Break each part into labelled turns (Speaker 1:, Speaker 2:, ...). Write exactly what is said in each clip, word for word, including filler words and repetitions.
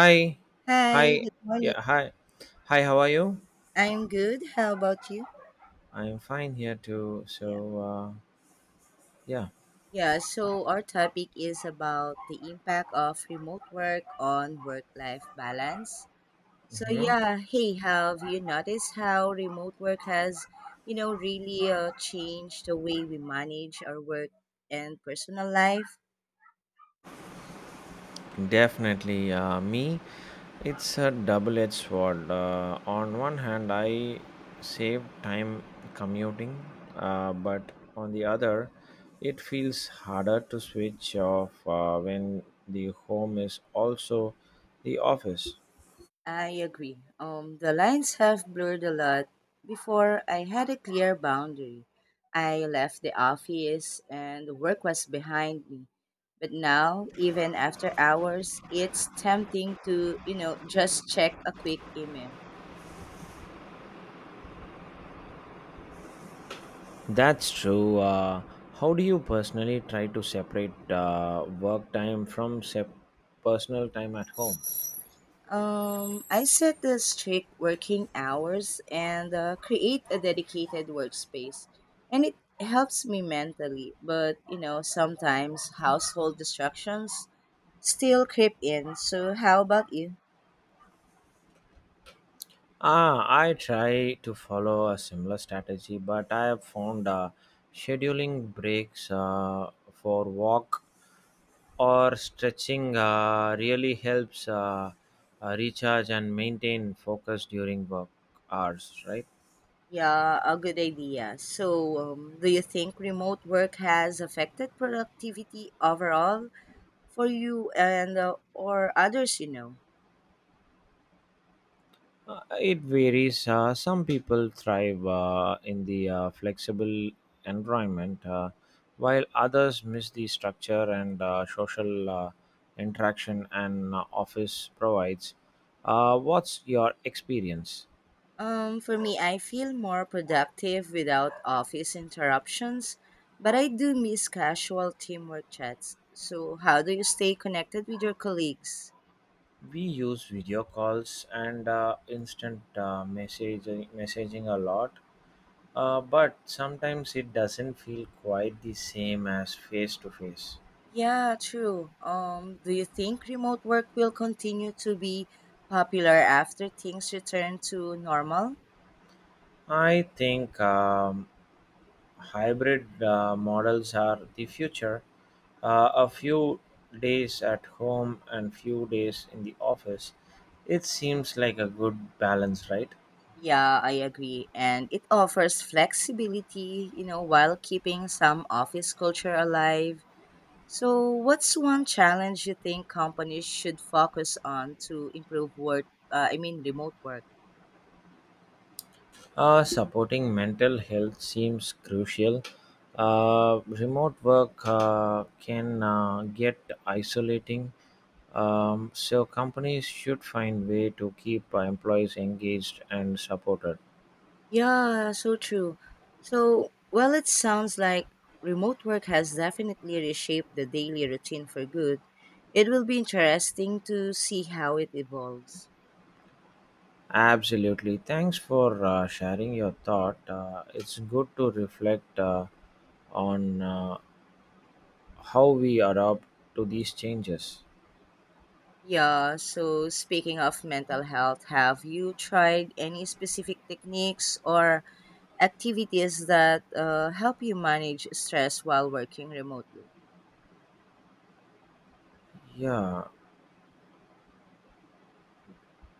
Speaker 1: Hi,
Speaker 2: Hi,
Speaker 1: hi,
Speaker 2: good morning.
Speaker 1: yeah, hi, hi. How are you?
Speaker 2: I'm good. How about you?
Speaker 1: I'm fine here too.
Speaker 2: Yeah.
Speaker 1: So, uh, yeah,
Speaker 2: Yeah, so our topic is about the impact of remote work on work-life balance. So
Speaker 1: hmm
Speaker 2: yeah, hey, have you noticed how remote work has, you know, really uh, changed the way we manage our work and personal life?
Speaker 1: definitely. Uh, me, it's a double-edged sword. Uh, on one hand, I save time commuting, uh, but on the other, it feels harder to switch off uh, when the home is also the office.
Speaker 2: I agree. Um, the lines have blurred a lot. Before I had a clear boundary. I left the office and the work was behind me. But now, even after hours, it's tempting to, you know, just check a quick email.
Speaker 1: That's true. Uh, how do you personally try to separate uh, work time from sep- personal time at home?
Speaker 2: Um, I set the strict working hours and uh, create a dedicated workspace. And it helps me mentally, but, you know, sometimes household distractions still creep in. So how about you?
Speaker 1: Ah, I try to follow a similar strategy, but I have found uh, scheduling breaks uh, for walk or stretching uh, really helps uh, uh, recharge and maintain focus during work hours, right?
Speaker 2: Yeah, a good idea. So, um, do you think remote work has affected productivity overall for you and uh, or others you know?
Speaker 1: Uh, it varies. Uh, some people thrive uh, in the uh, flexible environment, uh, while others miss the structure and uh, social uh, interaction an uh, office provides. Uh, what's your experience?
Speaker 2: Um, for me, I feel more productive without office interruptions, but I do miss casual teamwork chats. So, how do you stay connected with your colleagues?
Speaker 1: We use video calls and uh, instant uh, messaging, messaging a lot, uh, but sometimes it doesn't feel quite the same as face to face.
Speaker 2: Yeah, true. Um, do you think remote work will continue to be popular after things return to normal?
Speaker 1: I think. Um, Hybrid uh, models are the future. Uh, a few days at home and few days in the office. It seems like a good balance, right?
Speaker 2: Yeah, I agree. And it offers flexibility, you know, while keeping some office culture alive. So, what's one challenge you think companies should focus on to improve work, uh, I mean, remote work?
Speaker 1: Uh, supporting mental health seems crucial. Uh, remote work uh, can uh, get isolating, um, so companies should find way to keep uh, employees engaged and supported.
Speaker 2: Yeah, so true. So, while it sounds like remote work has definitely reshaped the daily routine for good, it will be interesting to see how it evolves.
Speaker 1: Absolutely. Thanks for uh, sharing your thought. Uh, it's good to reflect uh, on uh, how we adapt to these changes.
Speaker 2: Yeah, so speaking of mental health, have you tried any specific techniques or activities that uh, help you manage stress while working remotely?
Speaker 1: Yeah,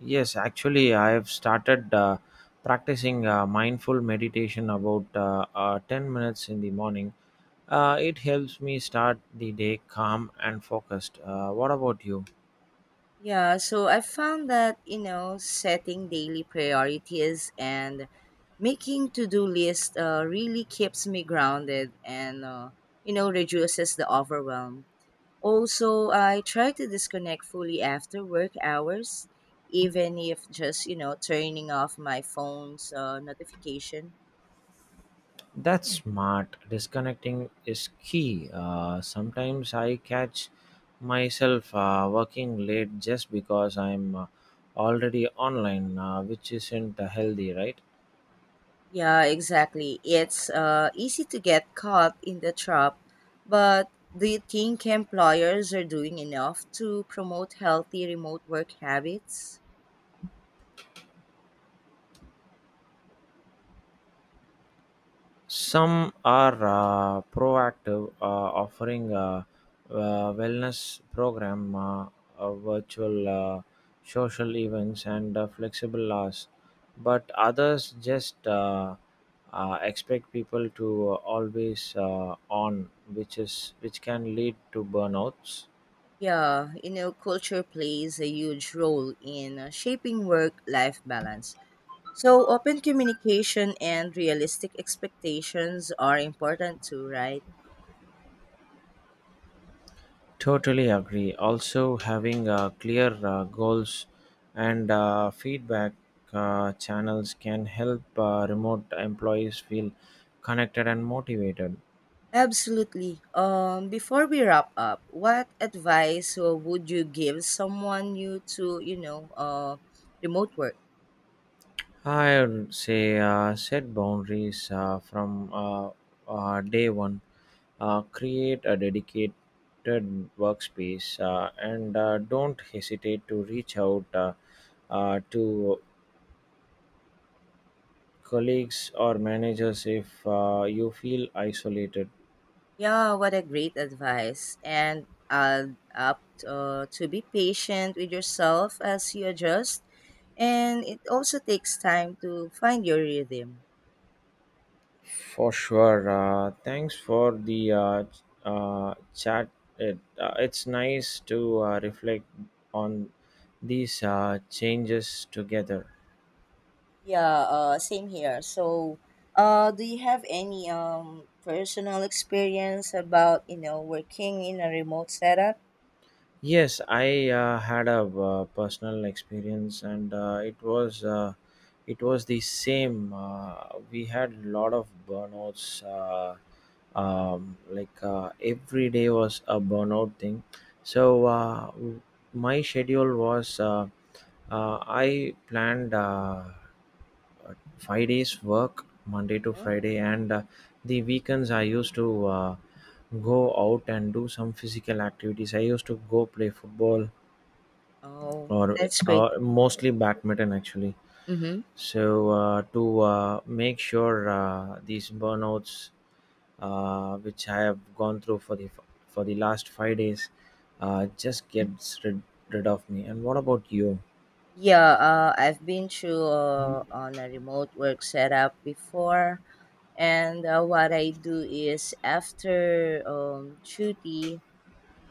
Speaker 1: yes, actually, I have started uh, practicing uh, mindful meditation about uh, uh, ten minutes in the morning. Uh, it helps me start the day calm and focused. Uh, what about you?
Speaker 2: Yeah, so I found that, you know, setting daily priorities and making to-do list uh, really keeps me grounded and, uh, you know, reduces the overwhelm. Also, I try to disconnect fully after work hours, even if just, you know, turning off my phone's uh, notification.
Speaker 1: That's smart. Disconnecting is key. Uh, sometimes I catch myself uh, working late just because I'm uh, already online, uh, which isn't uh, healthy, right?
Speaker 2: Yeah, exactly. It's uh, easy to get caught in the trap, but do you think employers are doing enough to promote healthy remote work habits?
Speaker 1: Some are uh, proactive, uh, offering a, uh, wellness program, uh, uh, virtual uh, social events, and uh, flexible hours. But others just uh, uh, expect people to always uh, on, which is which can lead to burnouts.
Speaker 2: Yeah, you know, culture plays a huge role in uh, shaping work life balance. So, open communication and realistic expectations are important too, right?
Speaker 1: Totally agree. Also, having uh, clear uh, goals and uh, feedback uh, channels can help uh, remote employees feel connected and motivated.
Speaker 2: Absolutely. Um, before we wrap up, what advice uh, would you give someone new to, you know, uh, remote work?
Speaker 1: I would say uh, set boundaries uh, from uh, uh, day one, uh, create a dedicated workspace, uh, and uh, don't hesitate to reach out uh, uh, to colleagues or managers if uh, you feel isolated.
Speaker 2: Yeah, what a great advice. And uh, up uh, to be patient with yourself as you adjust. And it also takes time to find your rhythm.
Speaker 1: For sure. Uh, thanks for the uh, ch- uh, chat. It, uh, it's nice to uh, reflect on these uh, changes together.
Speaker 2: Yeah, uh, same here. So, uh, do you have any um, personal experience about, you know, working in a remote setup?
Speaker 1: Yes, I uh, had a uh, personal experience, and uh, it was uh, it was the same. Uh, we had a lot of burnouts. Uh, um, like uh, every day was a burnout thing. So uh, my schedule was uh, uh, I planned. Uh, uh, five days work Monday to Friday, and uh, the weekends I used to uh, go out and do some physical activities. I used to go play football
Speaker 2: Oh,
Speaker 1: or,
Speaker 2: that's great.
Speaker 1: or mostly badminton actually.
Speaker 2: Mm-hmm.
Speaker 1: So uh, to uh, make sure uh, these burnouts, uh, which I have gone through for the for the last five days, uh, just gets rid, rid of me. And what about you?
Speaker 2: Yeah, uh, I've been through uh, on a remote work setup before, and uh, what I do is after um, duty.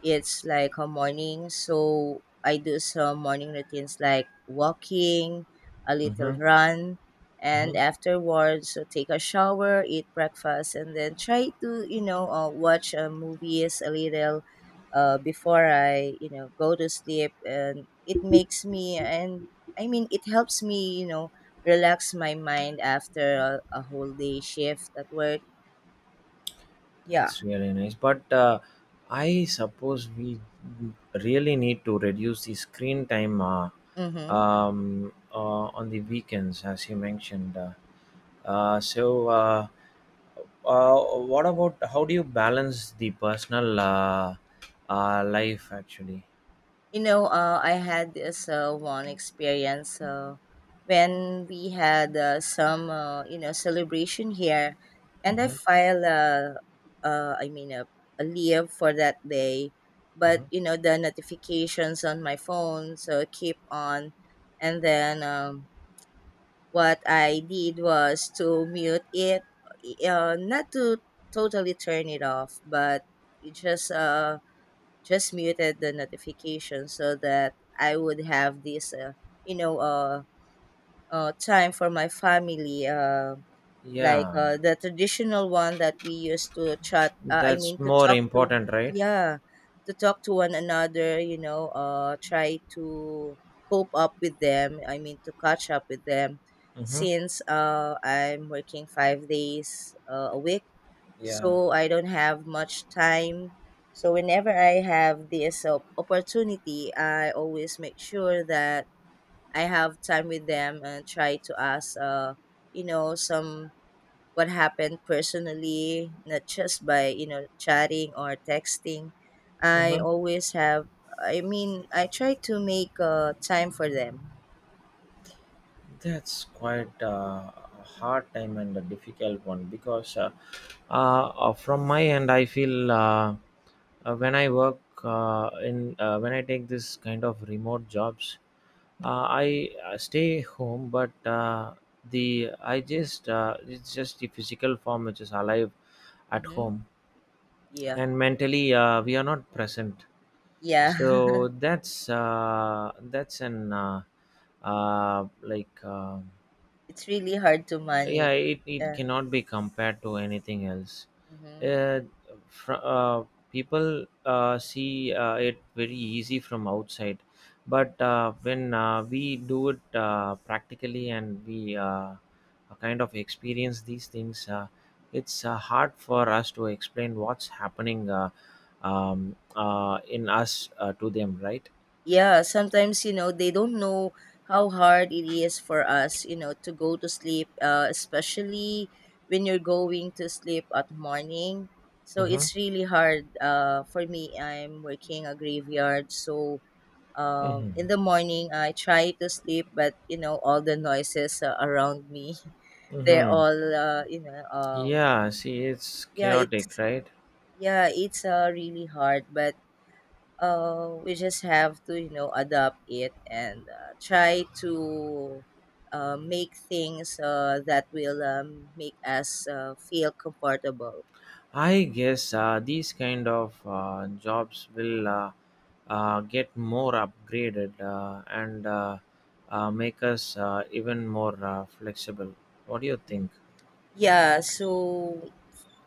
Speaker 2: It's like a morning, so I do some morning routines like walking, a little
Speaker 1: Mm-hmm.
Speaker 2: run, and
Speaker 1: Mm-hmm.
Speaker 2: afterwards so take a shower, eat breakfast, and then try to you know uh, watch uh, movies a little uh, before I you know go to sleep, and it makes me and, I mean, it helps me you know relax my mind after a, a whole day shift at work. Yeah.
Speaker 1: That's really nice. But uh, I suppose we really need to reduce the screen time uh,
Speaker 2: Mm-hmm.
Speaker 1: um, uh, on the weekends, as you mentioned. Uh, uh, so, uh, uh, what about how do you balance the personal uh, uh, life actually?
Speaker 2: You know, uh, I had this uh, one experience uh, when we had uh, some, uh, you know, celebration here, and I
Speaker 1: Hmm.
Speaker 2: filed, uh, uh, I mean, a, a leave for that day, but
Speaker 1: Hmm.
Speaker 2: you know, the notifications on my phone so keep on, and then um, what I did was to mute it, uh, not to totally turn it off, but it just uh just muted the notification so that I would have this, uh, you know, uh, uh, time for my family, uh, like
Speaker 1: Yeah,
Speaker 2: uh, the traditional one that we used to chat. Uh, I mean,
Speaker 1: that's
Speaker 2: to
Speaker 1: more
Speaker 2: talk to,
Speaker 1: important, right?
Speaker 2: yeah, to talk to one another. You know, uh, try to cope up with them. I mean, to catch up with them,
Speaker 1: Hmm.
Speaker 2: since uh, I'm working five days uh, a week
Speaker 1: Yeah.
Speaker 2: so I don't have much time. So whenever I have this op- opportunity, I always make sure that I have time with them and try to ask, uh, you know, some what happened personally, not just by you know chatting or texting. I
Speaker 1: Mhm.
Speaker 2: always have. I mean, I try to make uh, time for them.
Speaker 1: That's quite uh, a hard time and a difficult one because uh, uh, uh, from my end, I feel uh, uh, when I work uh, in uh, when I take this kind of remote jobs, uh, I uh, stay home, but uh, the I just uh, it's just the physical form which is alive at
Speaker 2: Mm-hmm.
Speaker 1: home
Speaker 2: Yeah,
Speaker 1: and mentally uh, we are not present,
Speaker 2: yeah.
Speaker 1: so that's uh, that's an uh, uh, like uh,
Speaker 2: It's really hard to manage.
Speaker 1: yeah, it, it
Speaker 2: Yeah.
Speaker 1: cannot be compared to anything else.
Speaker 2: Mm-hmm.
Speaker 1: uh, fr- uh, People uh, see uh, it very easy from outside, but uh, when uh, we do it uh, practically and we uh, kind of experience these things, uh, it's uh, hard for us to explain what's happening uh, um, uh, in us uh, to them, right?
Speaker 2: Yeah, sometimes, you know, they don't know how hard it is for us, you know, to go to sleep, uh, especially when you're going to sleep at morning. So
Speaker 1: Mm-hmm.
Speaker 2: it's really hard. Uh, for me, I'm working a graveyard. So uh,
Speaker 1: Mm-hmm.
Speaker 2: in the morning, I try to sleep, but, you know, all the noises uh, around me, they're
Speaker 1: Mm-hmm.
Speaker 2: all, uh, you know, um,
Speaker 1: Yeah, see, it's
Speaker 2: yeah,
Speaker 1: chaotic,
Speaker 2: it's
Speaker 1: right?
Speaker 2: yeah, it's uh, really hard, but uh, we just have to you know adapt it and uh, try to uh, make things uh, that will um, make us uh, feel comfortable.
Speaker 1: I guess uh, these kind of uh, jobs will uh, uh, get more upgraded uh, and uh, uh, make us uh, even more uh, flexible. What do you
Speaker 2: Yeah.
Speaker 1: think?
Speaker 2: Yeah, so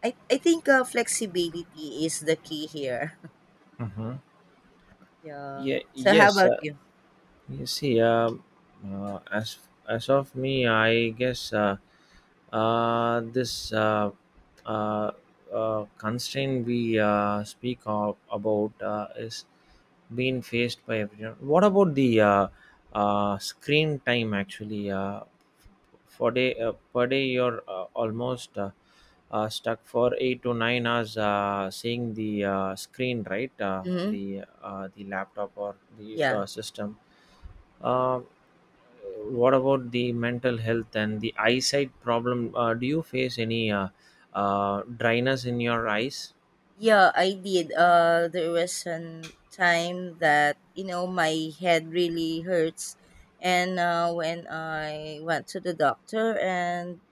Speaker 2: i, I think uh, flexibility is the key here.
Speaker 1: Hmm.
Speaker 2: Yeah,
Speaker 1: Yeah,
Speaker 2: so how
Speaker 1: yes,
Speaker 2: about you?
Speaker 1: you see, um, uh, as as of me, I guess uh, uh, this uh, uh, uh, constraint we uh, speak of about uh, is being faced by everyone. What about the uh, uh, screen time? Actually, uh, for day uh, per day, you're uh, almost uh, uh, stuck for eight to nine hours uh, seeing the uh, screen, right? Uh,
Speaker 2: Mm-hmm.
Speaker 1: the uh, the laptop or the
Speaker 2: Yeah.
Speaker 1: uh, system. uh, what about the mental health and the eyesight problem? Uh, do you face any uh, uh, dryness in your eyes?
Speaker 2: Yeah, I did. Uh, there was a time that you know my head really hurts, and uh, when I went to the doctor, and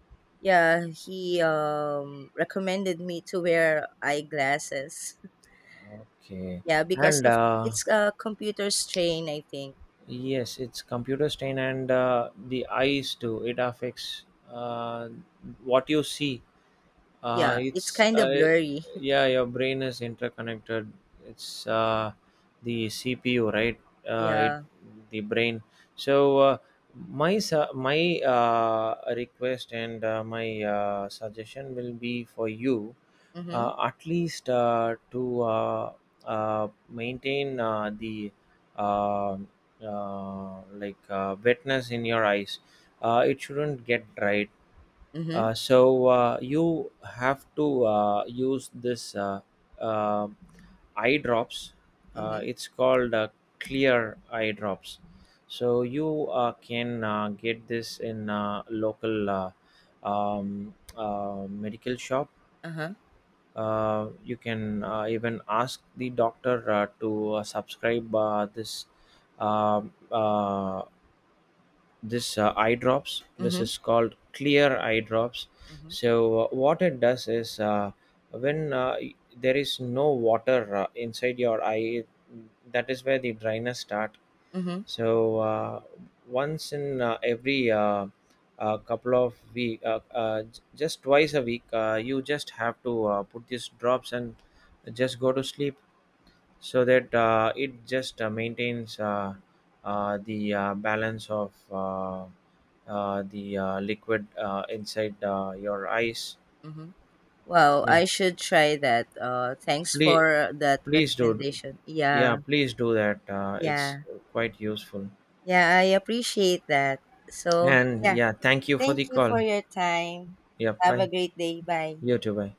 Speaker 2: yeah, he um, recommended me to wear eyeglasses.
Speaker 1: Okay,
Speaker 2: Yeah, because
Speaker 1: and
Speaker 2: of
Speaker 1: uh,
Speaker 2: it's a computer strain, I think.
Speaker 1: yes, it's computer stain and uh, the eyes too. It affects uh, what you see. Uh,
Speaker 2: Yeah, it's
Speaker 1: it's
Speaker 2: kind of
Speaker 1: uh,
Speaker 2: blurry.
Speaker 1: Yeah, your brain is interconnected, it's uh, the CPU, right? uh, it,
Speaker 2: Yeah.
Speaker 1: the brain, so uh, my su- my uh, request and uh, my uh, suggestion will be for you
Speaker 2: Mhm.
Speaker 1: uh, at least uh, to uh, uh, maintain uh, the uh, uh, like uh, wetness in your eyes. Uh, it shouldn't get dried,
Speaker 2: Mhm.
Speaker 1: uh, so uh, you have to uh, use this uh, uh, eye drops. Uh,
Speaker 2: Mhm.
Speaker 1: it's called uh, clear eye drops. So you uh, can uh, get this in uh, local uh, um, uh, medical shop.
Speaker 2: Uh huh.
Speaker 1: Uh, you can uh, even ask the doctor uh, to uh, subscribe uh, this um uh, this uh, eye drops. This
Speaker 2: Mhm.
Speaker 1: is called clear eye drops.
Speaker 2: Mhm.
Speaker 1: So uh, what it does is uh, when uh, y- there is no water uh, inside your eye, that is where the dryness start.
Speaker 2: Mhm.
Speaker 1: So uh, once in uh, every uh, uh, couple of week, uh, uh, j- just twice a week, uh, you just have to uh, put these drops and just go to sleep, so that uh, it just uh, maintains uh, uh, the uh, balance of uh, uh, the uh, liquid uh, inside uh, your eyes.
Speaker 2: Mhm. Wow,
Speaker 1: Yeah,
Speaker 2: I should try that. Uh, thanks
Speaker 1: please,
Speaker 2: for that
Speaker 1: please do.
Speaker 2: recommendation.
Speaker 1: Yeah,
Speaker 2: Yeah,
Speaker 1: please do that. Uh, it's
Speaker 2: yeah,
Speaker 1: quite useful.
Speaker 2: yeah, I appreciate that. So,
Speaker 1: And
Speaker 2: yeah,
Speaker 1: yeah, thank you for
Speaker 2: thank
Speaker 1: the
Speaker 2: you for
Speaker 1: call.
Speaker 2: your time.
Speaker 1: Yeah,
Speaker 2: Have a
Speaker 1: bye.
Speaker 2: great day. Bye.
Speaker 1: You too, bye.